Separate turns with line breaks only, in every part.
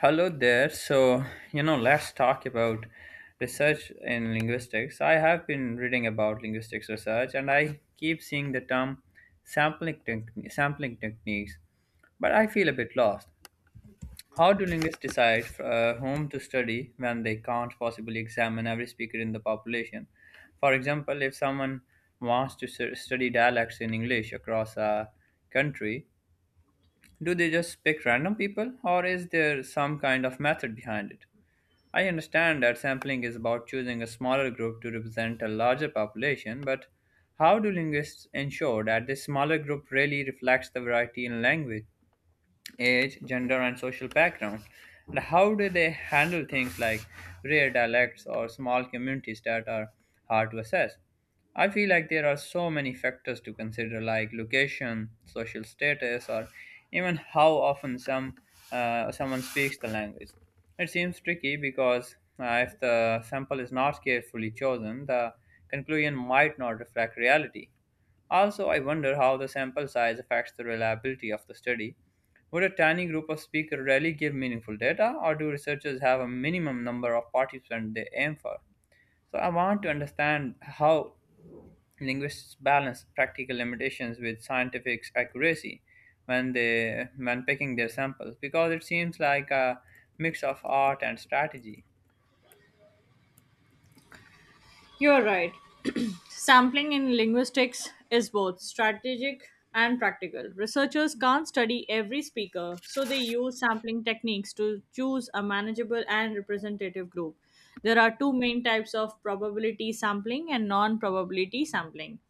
Hello there. Let's talk about research in linguistics. I have been reading about linguistics research and I keep seeing the term sampling techniques, but I feel a bit lost. How do linguists decide whom to study when they can't possibly examine every speaker in the population? For example, if someone wants to study dialects in English across a country, do they just pick random people or is there some kind of method behind it? I understand that sampling is about choosing a smaller group to represent a larger population, but how do linguists ensure that this smaller group really reflects the variety in language? Age, gender, and social background. And how do they handle things like rare dialects or small communities that are hard to assess? I feel like there are so many factors to consider, like location, social status, or even how often someone speaks the language. It seems tricky because if the sample is not carefully chosen, the conclusion might not reflect reality. Also, I wonder how the sample size affects the reliability of the study. Would a tiny group of speakers really give meaningful data, or do researchers have a minimum number of participants they aim for? So, I want to understand how linguists balance practical limitations with scientific accuracy when picking their samples, because it seems like a mix of art and strategy.
You're right. Sampling in linguistics is both strategic and practical. Researchers can't study every speaker, so they use sampling techniques to choose a manageable and representative group. There are two main types of probability sampling and non probability sampling.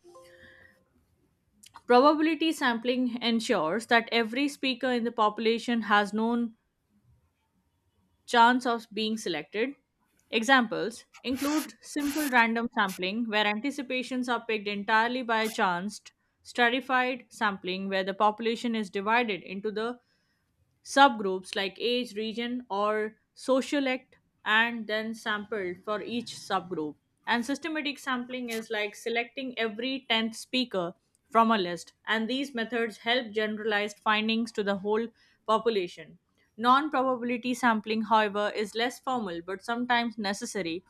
Probability sampling ensures that every speaker in the population has known chance of being selected. Examples include simple random sampling, where anticipations are picked entirely by chance, stratified sampling, where the population is divided into the subgroups like age, region, or social act, and then sampled for each subgroup. And systematic sampling is like selecting every 10th speaker from a list, and these methods help generalized findings to the whole population. Non probability sampling, however, is less formal but sometimes necessary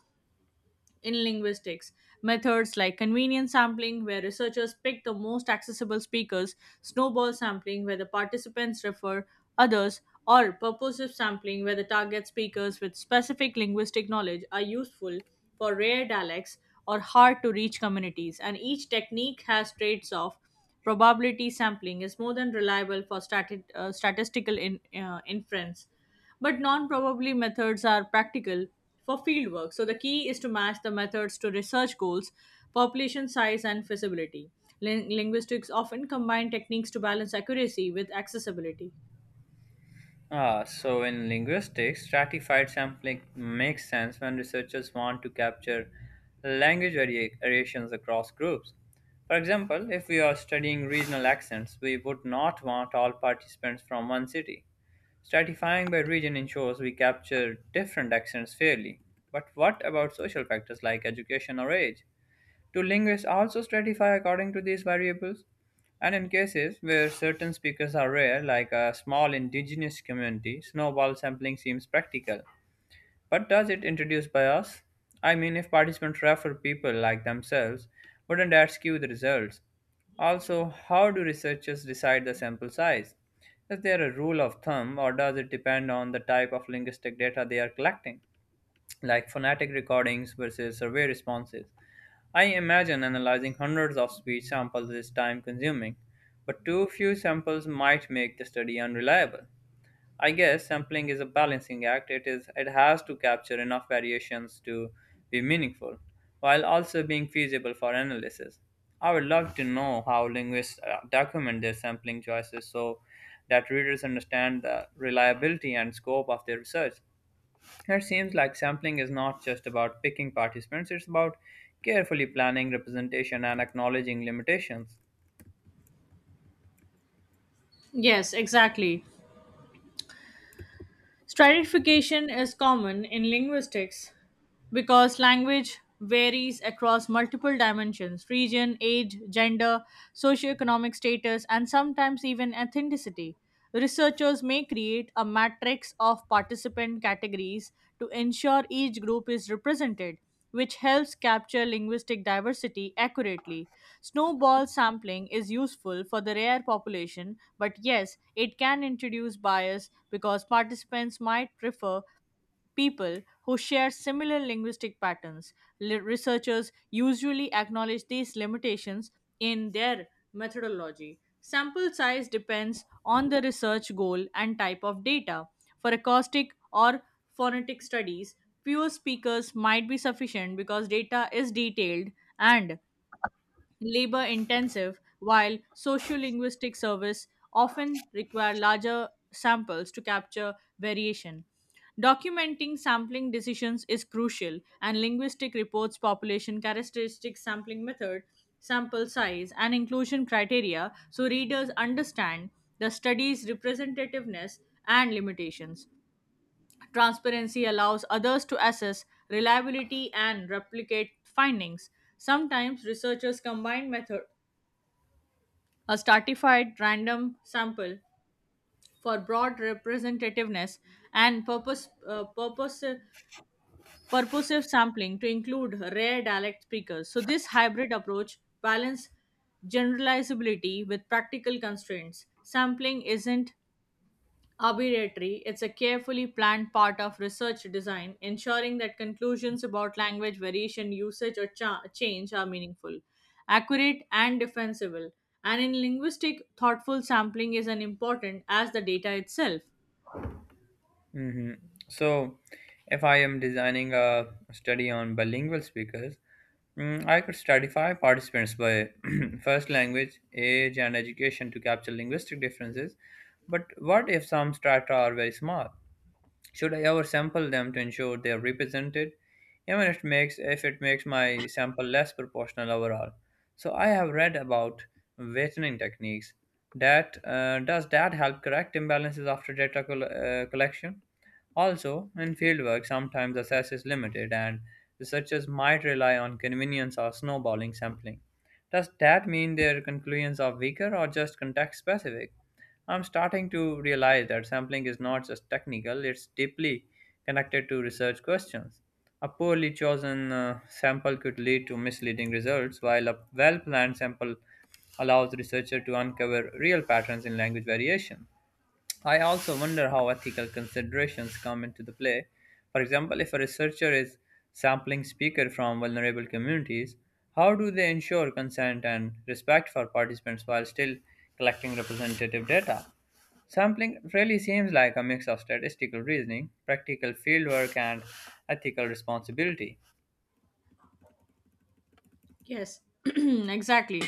in linguistics. Methods like convenient sampling, where researchers pick the most accessible speakers, snowball sampling, where the participants refer others, or purposive sampling, where the target speakers with specific linguistic knowledge are useful for rare dialects or hard to reach communities. And each technique has traits of probability sampling is more than reliable for statistical inference, but non probably methods are practical for fieldwork. So the key is to match the methods to research goals, population size, and feasibility. Linguistics often combine techniques to balance accuracy with accessibility.
Ah, so in linguistics, stratified sampling makes sense when researchers want to capture language variations across groups. For example, if we are studying regional accents, we would not want all participants from one city. Stratifying by region ensures we capture different accents fairly. But what about social factors like education or age? Do linguists also stratify according to these variables? And in cases where certain speakers are rare, like a small indigenous community, snowball sampling seems practical. But does it introduce bias? I mean, if participants refer people like themselves, wouldn't that skew the results? Also, how do researchers decide the sample size? Is there a rule of thumb, or does it depend on the type of linguistic data they are collecting, like phonetic recordings versus survey responses? I imagine analyzing hundreds of speech samples is time consuming, but too few samples might make the study unreliable. I guess sampling is a balancing act. It has to capture enough variations to be meaningful, while also being feasible for analysis. I would love to know how linguists document their sampling choices so that readers understand the reliability and scope of their research. It seems like sampling is not just about picking participants, it's about carefully planning representation and acknowledging limitations.
Yes, exactly. Stratification is common in linguistics because language varies across multiple dimensions region, age, gender, socioeconomic status, and sometimes even ethnicity. Researchers may create a matrix of participant categories to ensure each group is represented, which helps capture linguistic diversity accurately. Snowball sampling is useful for the rare population, but yes, it can introduce bias because participants might prefer people who share similar linguistic patterns. Researchers usually acknowledge these limitations in their methodology. Sample size depends on the research goal and type of data. For acoustic or phonetic studies, fewer speakers might be sufficient because data is detailed and labor intensive, while sociolinguistic service often require larger samples to capture variation. Documenting sampling decisions is crucial, and linguistic reports, population characteristics, sampling method, sample size, and inclusion criteria so readers understand the study's representativeness and limitations. Transparency allows others to assess reliability and replicate findings. Sometimes researchers combine method a stratified random sample for broad representativeness and purposive sampling to include rare dialect speakers. So this hybrid approach balances generalizability with practical constraints. Sampling isn't arbitrary, it's a carefully planned part of research design, ensuring that conclusions about language variation, usage, or change are meaningful, accurate, and defensible. And in linguistic, thoughtful sampling is as important as the data itself.
Hmm. So, if I am designing a study on bilingual speakers, I could stratify participants by first language, age, and education to capture linguistic differences. But what if some strata are very small? Should I ever sample them to ensure they are represented, even if it makes my sample less proportional overall? So I have read about weighting techniques. That Does that help correct imbalances after collection? Also, in fieldwork, sometimes access is limited, and researchers might rely on convenience or snowballing sampling. Does that mean their conclusions are weaker or just context specific? I'm starting to realize that sampling is not just technical, it's deeply connected to research questions. A poorly chosen sample could lead to misleading results, while a well planned sample allows researchers to uncover real patterns in language variation. I also wonder how ethical considerations come into the play. For example, if a researcher is sampling speakers from vulnerable communities, how do they ensure consent and respect for participants while still collecting representative data? Sampling really seems like a mix of statistical reasoning, practical fieldwork, and ethical responsibility.
Yes, exactly.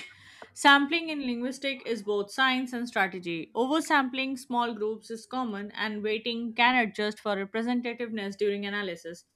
Sampling in linguistic is both science and strategy. Oversampling small groups is common, and weighting can adjust for representativeness during analysis.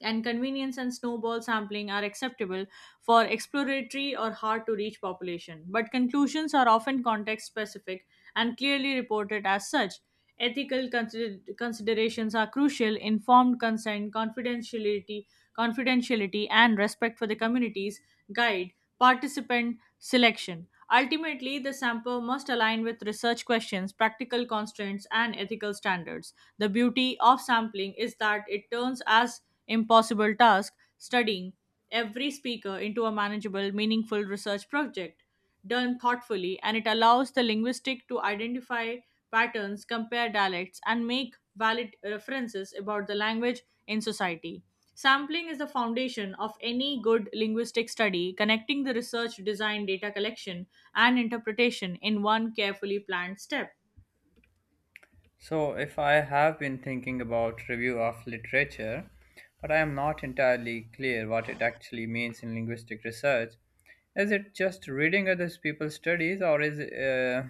And convenience and snowball sampling are acceptable for exploratory or hard to reach population, but conclusions are often context specific and clearly reported as such. Ethical considerations are crucial. Informed consent, confidentiality, confidentiality, and respect for the communities guide participant selection. Ultimately, the sample must align with research questions, practical constraints, and ethical standards. The beauty of sampling is that it turns as impossible task studying every speaker into a manageable, meaningful research project done thoughtfully, and it allows the linguistic to identify patterns, compare dialects, and make valid references about the language in society. Sampling is the foundation of any good linguistic study, connecting the research, design, data collection, and interpretation in one carefully planned step.
So, if I have been thinking about review of literature, but I am not entirely clear what it actually means in linguistic research. Is it just reading other people's studies,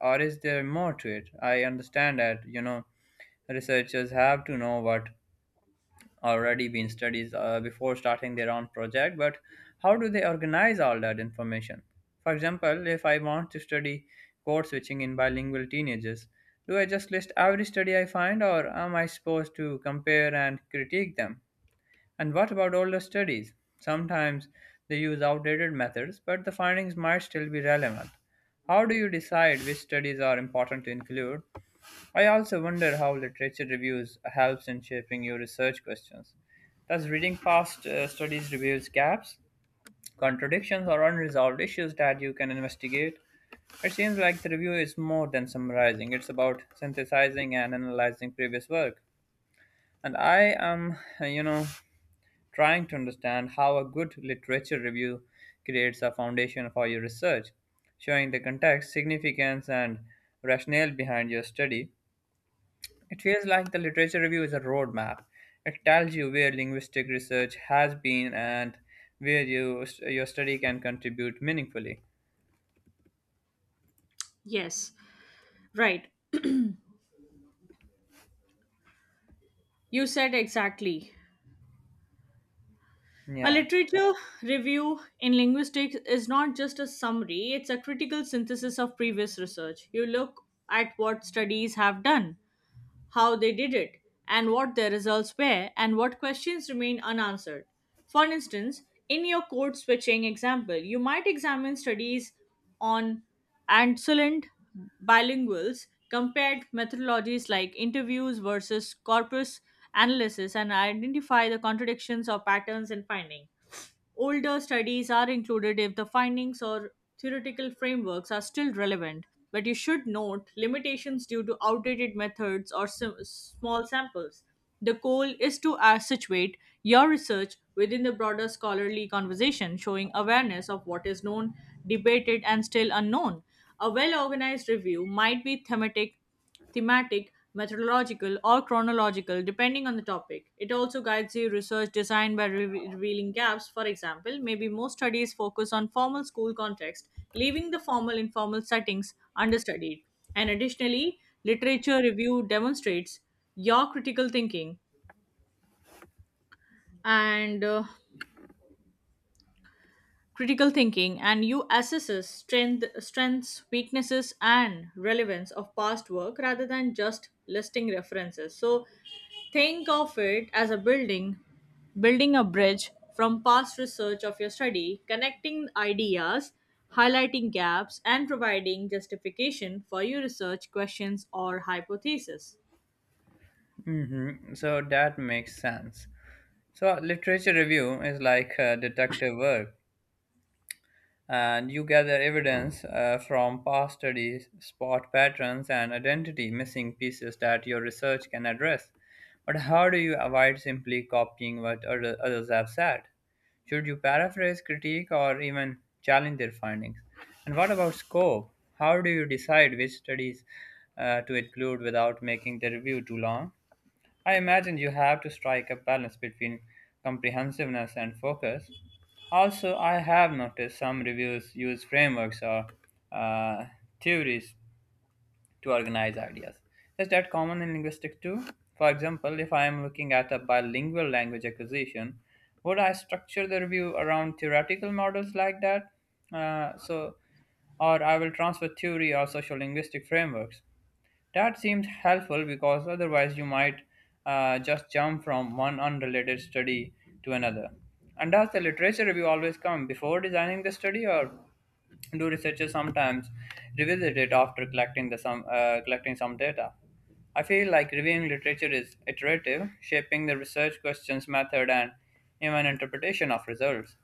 or is there more to it? I understand that researchers have to know what already been studied before starting their own project, but how do they organize all that information? For example, if I want to study code switching in bilingual teenagers, do I just list every study I find or am I supposed to compare and critique them? And what about older studies? Sometimes they use outdated methods, but the findings might still be relevant. How do you decide which studies are important to include? I also wonder how literature reviews helps in shaping your research questions. Does reading past studies reveals gaps, contradictions, or unresolved issues that you can investigate? It seems like the review is more than summarizing. It's about synthesizing and analyzing previous work. And I am, you know, trying to understand how a good literature review creates a foundation for your research, showing the context, significance, and rationale behind your study. It feels like the literature review is a roadmap. It tells you where linguistic research has been and where your study can contribute meaningfully.
Yes, right. You said exactly. A
Yeah.
literature review in linguistics is not just a summary, it's a critical synthesis of previous research. You look at what studies have done, how they did it, and what their results were, and what questions remain unanswered. For instance, in your code switching example, you might examine studies on Ansolent bilinguals compared methodologies like interviews versus corpus analysis and identify the contradictions or patterns in finding. Older studies are included if the findings or theoretical frameworks are still relevant, but you should note limitations due to outdated methods or small samples. The goal is to situate your research within the broader scholarly conversation, showing awareness of what is known, debated, and still unknown. A well organized review might be thematic, methodological, or chronological, depending on the topic. It also guides your research design by revealing gaps. For example, maybe most studies focus on formal school context, leaving the formal informal settings understudied. And additionally, literature review demonstrates your critical thinking and critical thinking, and you assesses strengths, weaknesses, and relevance of past work rather than just listing references. So think of it as a building building a bridge from past research of your study, connecting ideas, highlighting gaps, and providing justification for your research questions or hypothesis.
Hmm. So that makes sense. So literature review is like detective work, and you gather evidence from past studies, spot patterns, and identity missing pieces that your research can address. But how do you avoid simply copying what others have said? Should you paraphrase, critique, or even challenge their findings? And what about scope? How do you decide which studies to include without making the review too long? I imagine you have to strike a balance between comprehensiveness and focus. Also, I have noticed some reviews use frameworks or uh, theories to organize ideas. Is that common in linguistics too? For example, if I am looking at a bilingual language acquisition, would I structure the review around theoretical models like that? Uh, so, or I will transfer theory or social linguistic frameworks. That seems helpful because otherwise you might just jump from one unrelated study to another. And does the literature review always come before designing the study, or do researchers sometimes revisit it after collecting some data? I feel like reviewing literature is iterative, shaping the research questions, method, and even interpretation of results.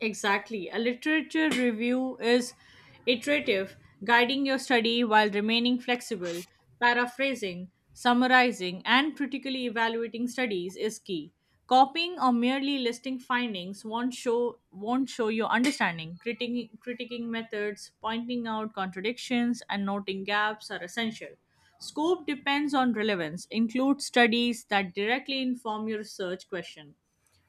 Exactly. A literature review is iterative, guiding your study while remaining flexible. Paraphrasing, summarizing, and critically evaluating studies is key. Copying or merely listing findings won't show your understanding. Critiquing methods, pointing out contradictions, and noting gaps are essential. Scope depends on relevance. Include studies that directly inform your research question,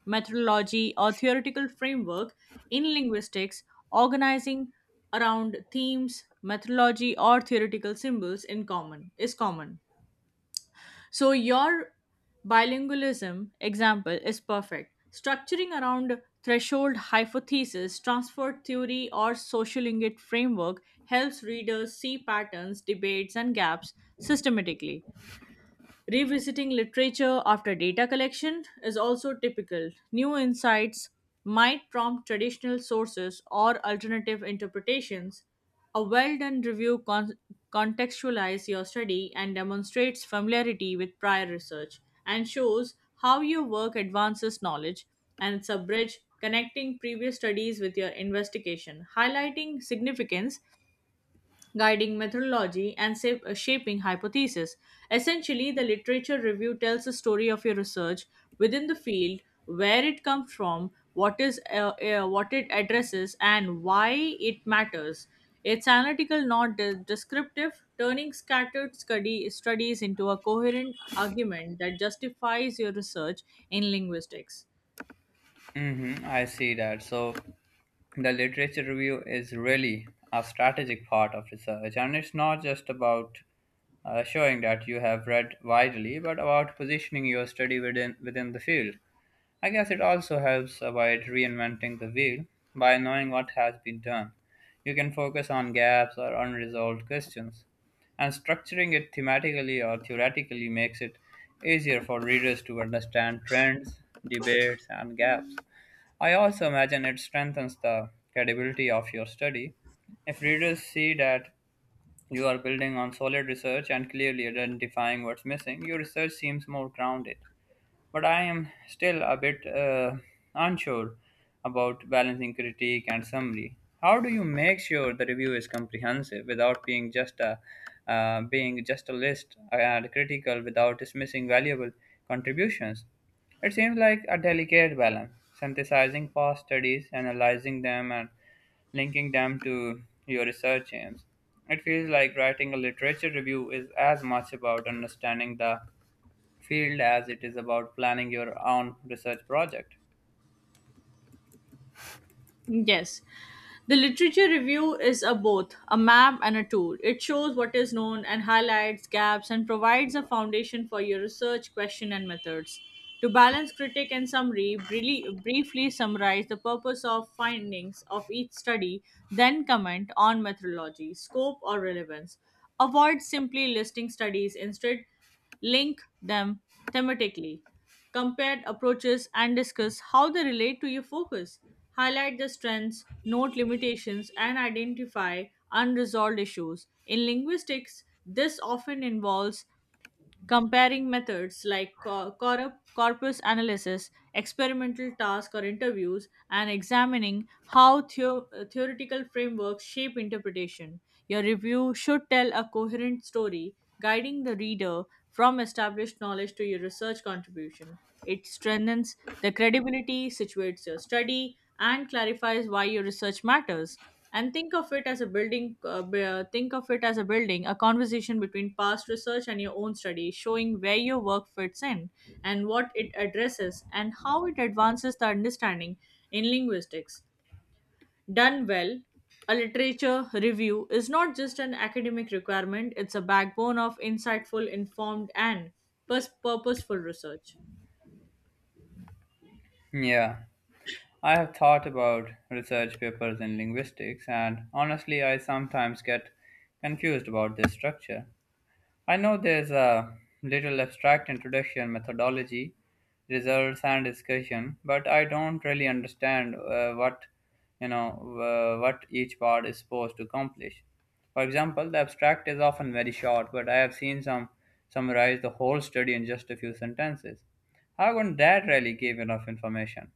methodology, or theoretical framework. In linguistics, organizing around themes, methodology, or theoretical symbols in common is common. So your bilingualism example is perfect. Structuring around threshold hypothesis, transfer theory, or sociolinguistic framework helps readers see patterns, debates, and gaps systematically. Revisiting literature after data collection is also typical. New insights might prompt traditional sources or alternative interpretations. A well done review contextualizes your study and demonstrates familiarity with prior research and shows how your work advances knowledge. And it's a bridge connecting previous studies with your investigation, highlighting significance, guiding methodology, and shaping hypotheses. Essentially, the literature review tells the story of your research within the field, where it comes from, what it addresses, and why it matters. It's analytical, not descriptive, turning scattered studies into a coherent argument that justifies your research in linguistics.
Hmm, I see that. So the literature review is really a strategic part of research, and it's not just about showing that you have read widely, but about positioning your study within the field. I guess it also helps avoid reinventing the wheel by knowing what has been done. You can focus on gaps or unresolved questions, and structuring it thematically or theoretically makes it easier for readers to understand trends, debates, and gaps. I also imagine it strengthens the credibility of your study. If readers see that you are building on solid research and clearly identifying what's missing, your research seems more grounded. But I am still a bit unsure about balancing critique and summary. How do you make sure the review is comprehensive without being just a list, and critical without dismissing valuable contributions? It seems like a delicate balance, synthesizing past studies, analyzing them, and linking them to your research aims. It feels like writing a literature review is as much about understanding the field as it is about planning your own research project.
Yes. The literature review is a both a map and a tool. It shows what is known and highlights gaps and provides a foundation for your research question and methods. To balance critic and summary, briefly summarize the purpose of findings of each study, then comment on methodology, scope, or relevance. Avoid simply listing studies. Instead, link them thematically, compare approaches, and discuss how they relate to your focus. Highlight the strengths, note limitations, and identify unresolved issues. In linguistics, this often involves comparing methods like corpus analysis, experimental tasks, or interviews, and examining how theoretical frameworks shape interpretation. Your review should tell a coherent story, guiding the reader from established knowledge to your research contribution. It strengthens the credibility, situates your study, and clarifies why your research matters. And think of it as think of it as a building a conversation between past research and your own study, showing where your work fits in, and what it addresses, and how it advances the understanding in linguistics. Done well, a literature review is not just an academic requirement, it's a backbone of insightful, informed, and purposeful research.
Yeah, I have thought about research papers in linguistics, and honestly, I sometimes get confused about this structure. I know there's a little abstract introduction, methodology, results, and discussion, but I don't really understand what you know what each part is supposed to accomplish. For example, the abstract is often very short, but I have seen some summarize the whole study in just a few sentences. However, that rarely gave enough information.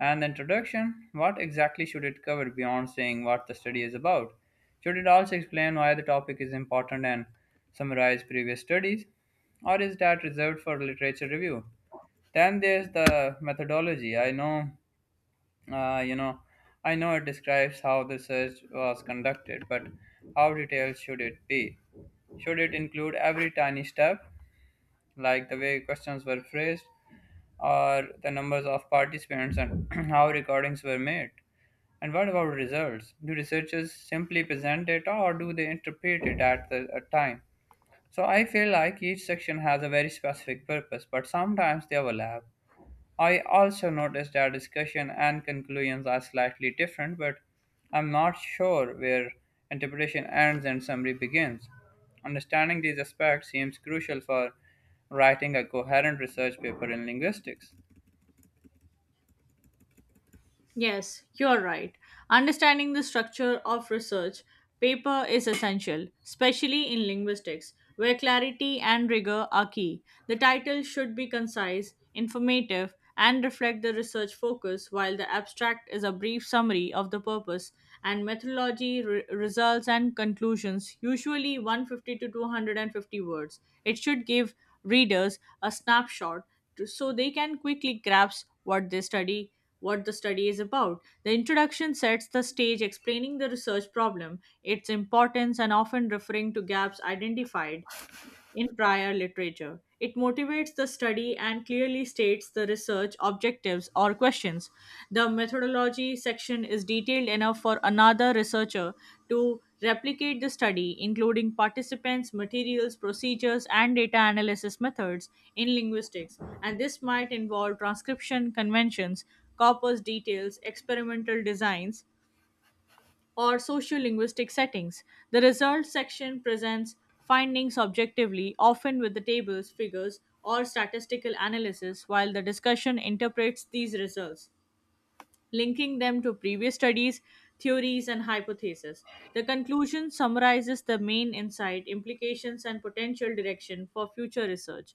And the introduction, what exactly should it cover beyond saying what the study is about? Should it also explain why the topic is important and summarize previous studies? Or is that reserved for literature review? Then there's the methodology. Uh, you know, I know it describes how the search was conducted, but how detailed should it be? Should it include every tiny step, like the way questions were phrased or the numbers of participants and how recordings were made? And what about results? Do researchers simply present data or do they interpret it at the a time? So I feel like each section has a very specific purpose, but sometimes they overlap. I also noticed that discussion and conclusions are slightly different, but I'm not sure where interpretation ends and summary begins. Understanding these aspects seems crucial for writing a coherent research paper in linguistics.
Yes, you're right. Understanding the structure of research paper is essential, especially in linguistics, where clarity and rigor are key. The title should be concise, informative, and reflect the research focus, while the abstract is a brief summary of the purpose and methodology, results, and conclusions, usually 150 to 250 words. It should give readers a snapshot so they can quickly grasp what the study is about. The introduction sets the stage explaining the research problem, its importance, and often referring to gaps identified in prior literature. It motivates the study and clearly states the research objectives or questions. The methodology section is detailed enough for another researcher to replicate the study, including participants, materials, procedures, and data analysis methods in linguistics. And this might involve transcription conventions, corpus details, experimental designs, or sociolinguistic settings. The results section presents findings objectively, often with the tables, figures, or statistical analysis, while the discussion interprets these results, linking them to previous studies, theories, and hypotheses. The conclusion summarizes the main insight, implications, and potential direction for future research.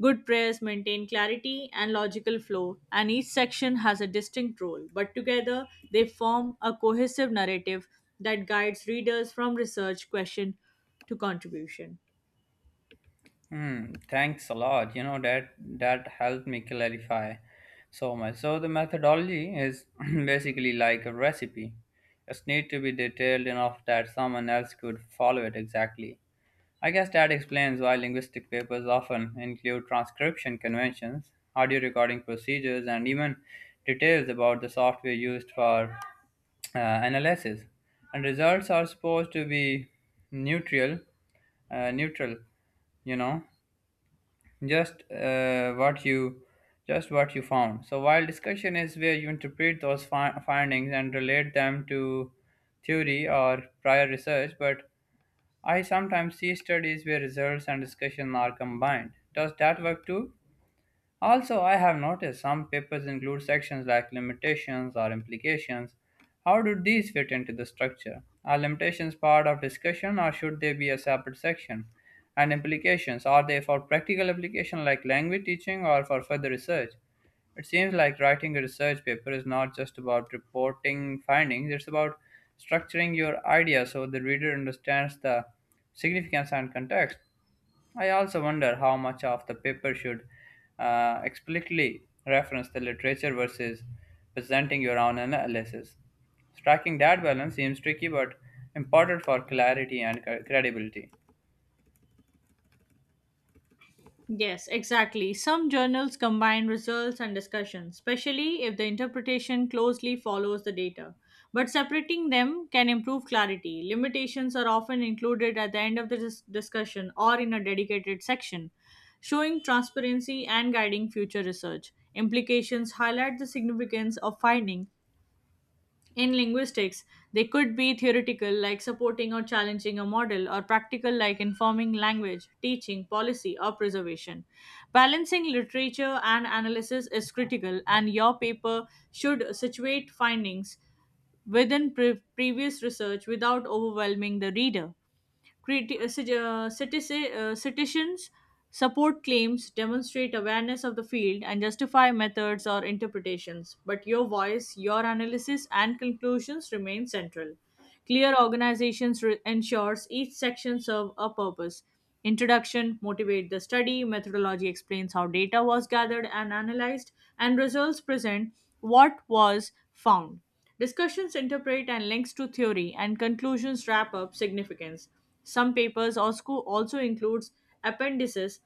Good prayers maintain clarity and logical flow, and each section has a distinct role, but together they form a cohesive narrative that guides readers from research question to contribution.
Hmm, thanks a lot. You know that helped me clarify so much. So the methodology is basically like a recipe. It's need to be detailed enough that someone else could follow it exactly. I guess that explains why linguistic papers often include transcription conventions, audio recording procedures, and even details about the software used for analysis. And results are supposed to be neutral, neutral, you know, just uh, what you just what you found. So while discussion is where you interpret those findings and relate them to theory or prior research, but I sometimes see studies where results and discussion are combined. Does that work too? Also, I have noticed some papers include sections like limitations or implications. How do these fit into the structure? Are limitations part of discussion or should they be a separate section? And implications, are they for practical application like language teaching or for further research? It seems like writing a research paper is not just about reporting findings, it's about structuring your idea so the reader understands the significance and context. I also wonder how much of the paper should explicitly reference the literature versus presenting your own analysis. Striking that balance seems tricky but important for clarity and credibility.
Yes, exactly. Some journals combine results and discussions, especially if the interpretation closely follows the data. But separating them can improve clarity. Limitations are often included at the end of the discussion or in a dedicated section, showing transparency and guiding future research. Implications highlight the significance of findings in linguistics. They could be theoretical, like supporting or challenging a model, or practical, like informing language, teaching, policy, or preservation. Balancing literature and analysis is critical, and your paper should situate findings within previous research without overwhelming the reader. Citizens support claims, demonstrate awareness of the field, and justify methods or interpretations. But your voice, your analysis, and conclusions remain central. Clear organizations ensures each section serve a purpose. Introduction motivate the study, methodology explains how data was gathered and analyzed, and results present what was found. Discussions interpret and links to theory, and conclusions wrap up significance. Also includes appendices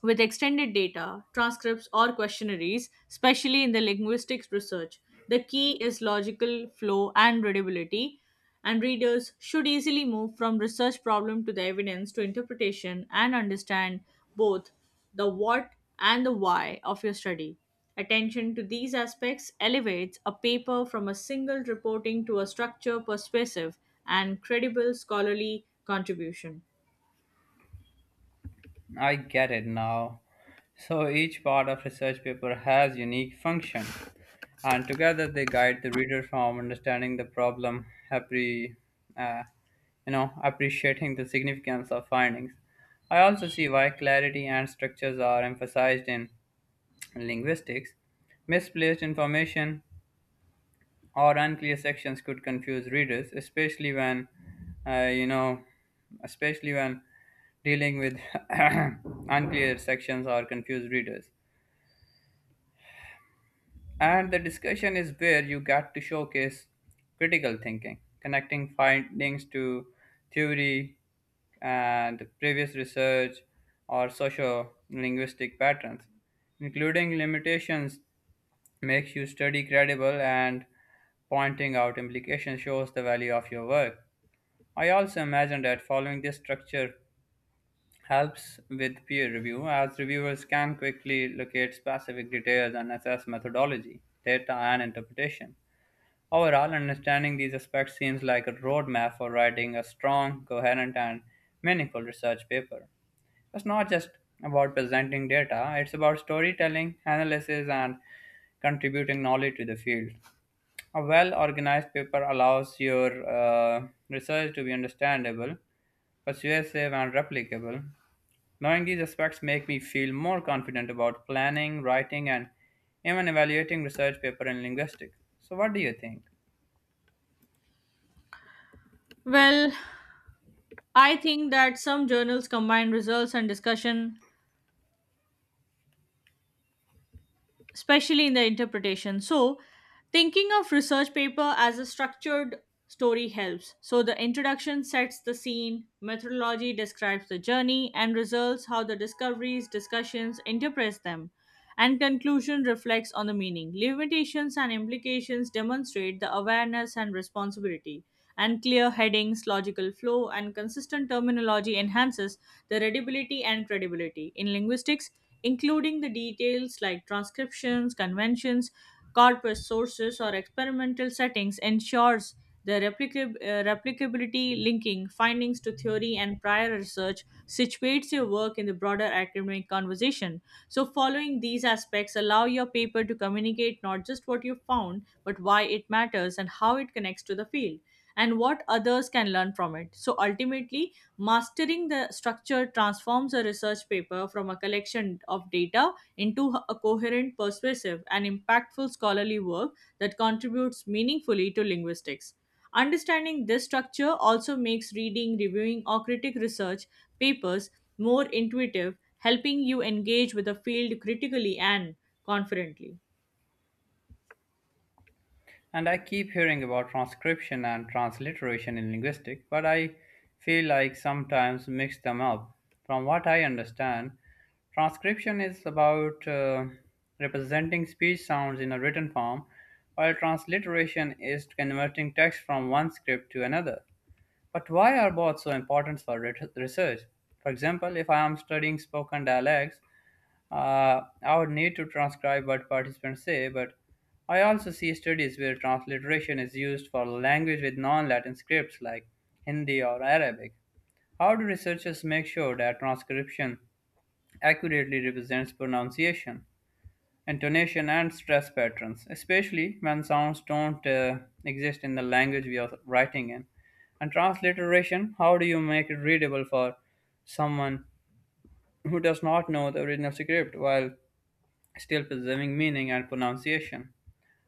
with extended data, transcripts, or questionnaires, especially in the linguistics research. The key is logical flow and readability, and readers should easily move from research problem to the evidence to interpretation and understand both the what and the why of your study. Attention to these aspects elevates a paper from a single reporting to a structured, persuasive, and credible scholarly contribution.
I get it now. So each part of research paper has unique function, and together they guide the reader from understanding the problem, appre- uh, appreciating the significance of findings. I also see why clarity and structures are emphasized in linguistics. Misplaced information or unclear sections could confuse readers, uh, you know, especially when dealing with unclear sections or confused readers. And the discussion is where you get to showcase critical thinking, connecting findings to theory and previous research or socio linguistic patterns, including limitations makes you study credible and pointing out implications shows the value of your work. I also imagine that following this structure helps with peer review as reviewers can quickly locate specific details and assess methodology, data, and interpretation. Overall, understanding these aspects seems like a roadmap for writing a strong, coherent, and meaningful research paper. It's not just about presenting data, it's about storytelling, analysis, and contributing knowledge to the field. A well organized paper allows your research to be understandable, persuasive, and replicable, knowing these aspects make me feel more confident about planning, writing, and even evaluating research paper in linguistics. So what do you think?
Well, I think that some journals combine results and discussion, especially in the interpretation. So, thinking of research paper as a structured story helps. So, the introduction sets the scene, methodology describes the journey, and results how the discoveries, discussions interprets them, and conclusion reflects on the meaning. Limitations and implications demonstrate the awareness and responsibility. And clear headings, logical flow, and consistent terminology enhances the readability and credibility. In linguistics, including the details like transcriptions, conventions, corpus sources, or experimental settings ensures the replicability, linking findings to theory and prior research situates your work in the broader academic conversation. So following these aspects allow your paper to communicate not just what you found, but why it matters and how it connects to the field, and what others can learn from it. So ultimately, mastering the structure transforms a research paper from a collection of data into a coherent, persuasive, and impactful scholarly work that contributes meaningfully to linguistics. Understanding this structure also makes reading, reviewing, or critic research papers more intuitive, helping you engage with the field critically and confidently.
And I keep hearing about transcription and transliteration in linguistics, but I feel like sometimes mix them up. From what I understand, transcription is about representing speech sounds in a written form, while transliteration is converting text from one script to another. But why are both so important for research? For example, if I am studying spoken dialects, I would need to transcribe what participants say, but I also see studies where transliteration is used for language with non Latin scripts like Hindi or Arabic. How do researchers make sure that transcription accurately represents pronunciation? Intonation and stress patterns, especially when sounds don't exist in the language we are writing in. And transliteration, how do you make it readable for someone who does not know the original script while still preserving meaning and pronunciation?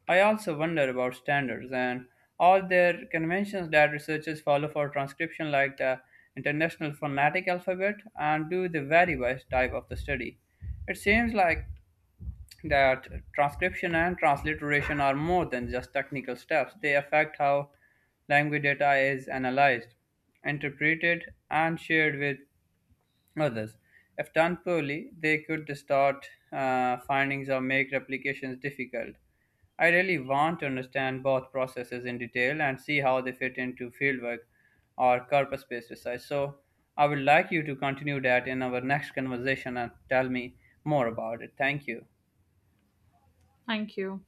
I also wonder about standards and all their conventions that researchers follow for transcription, like the International Phonetic Alphabet, and do they vary by type of the study? It seems like that transcription and transliteration are more than just technical steps. They affect how language data is analyzed, interpreted, and shared with others. If done poorly, they could distort findings or make replications difficult. I really want to understand both processes in detail and see how they fit into fieldwork or corpus based research. So, I would like you to continue that in our next conversation and tell me more about it. Thank you.
Thank you.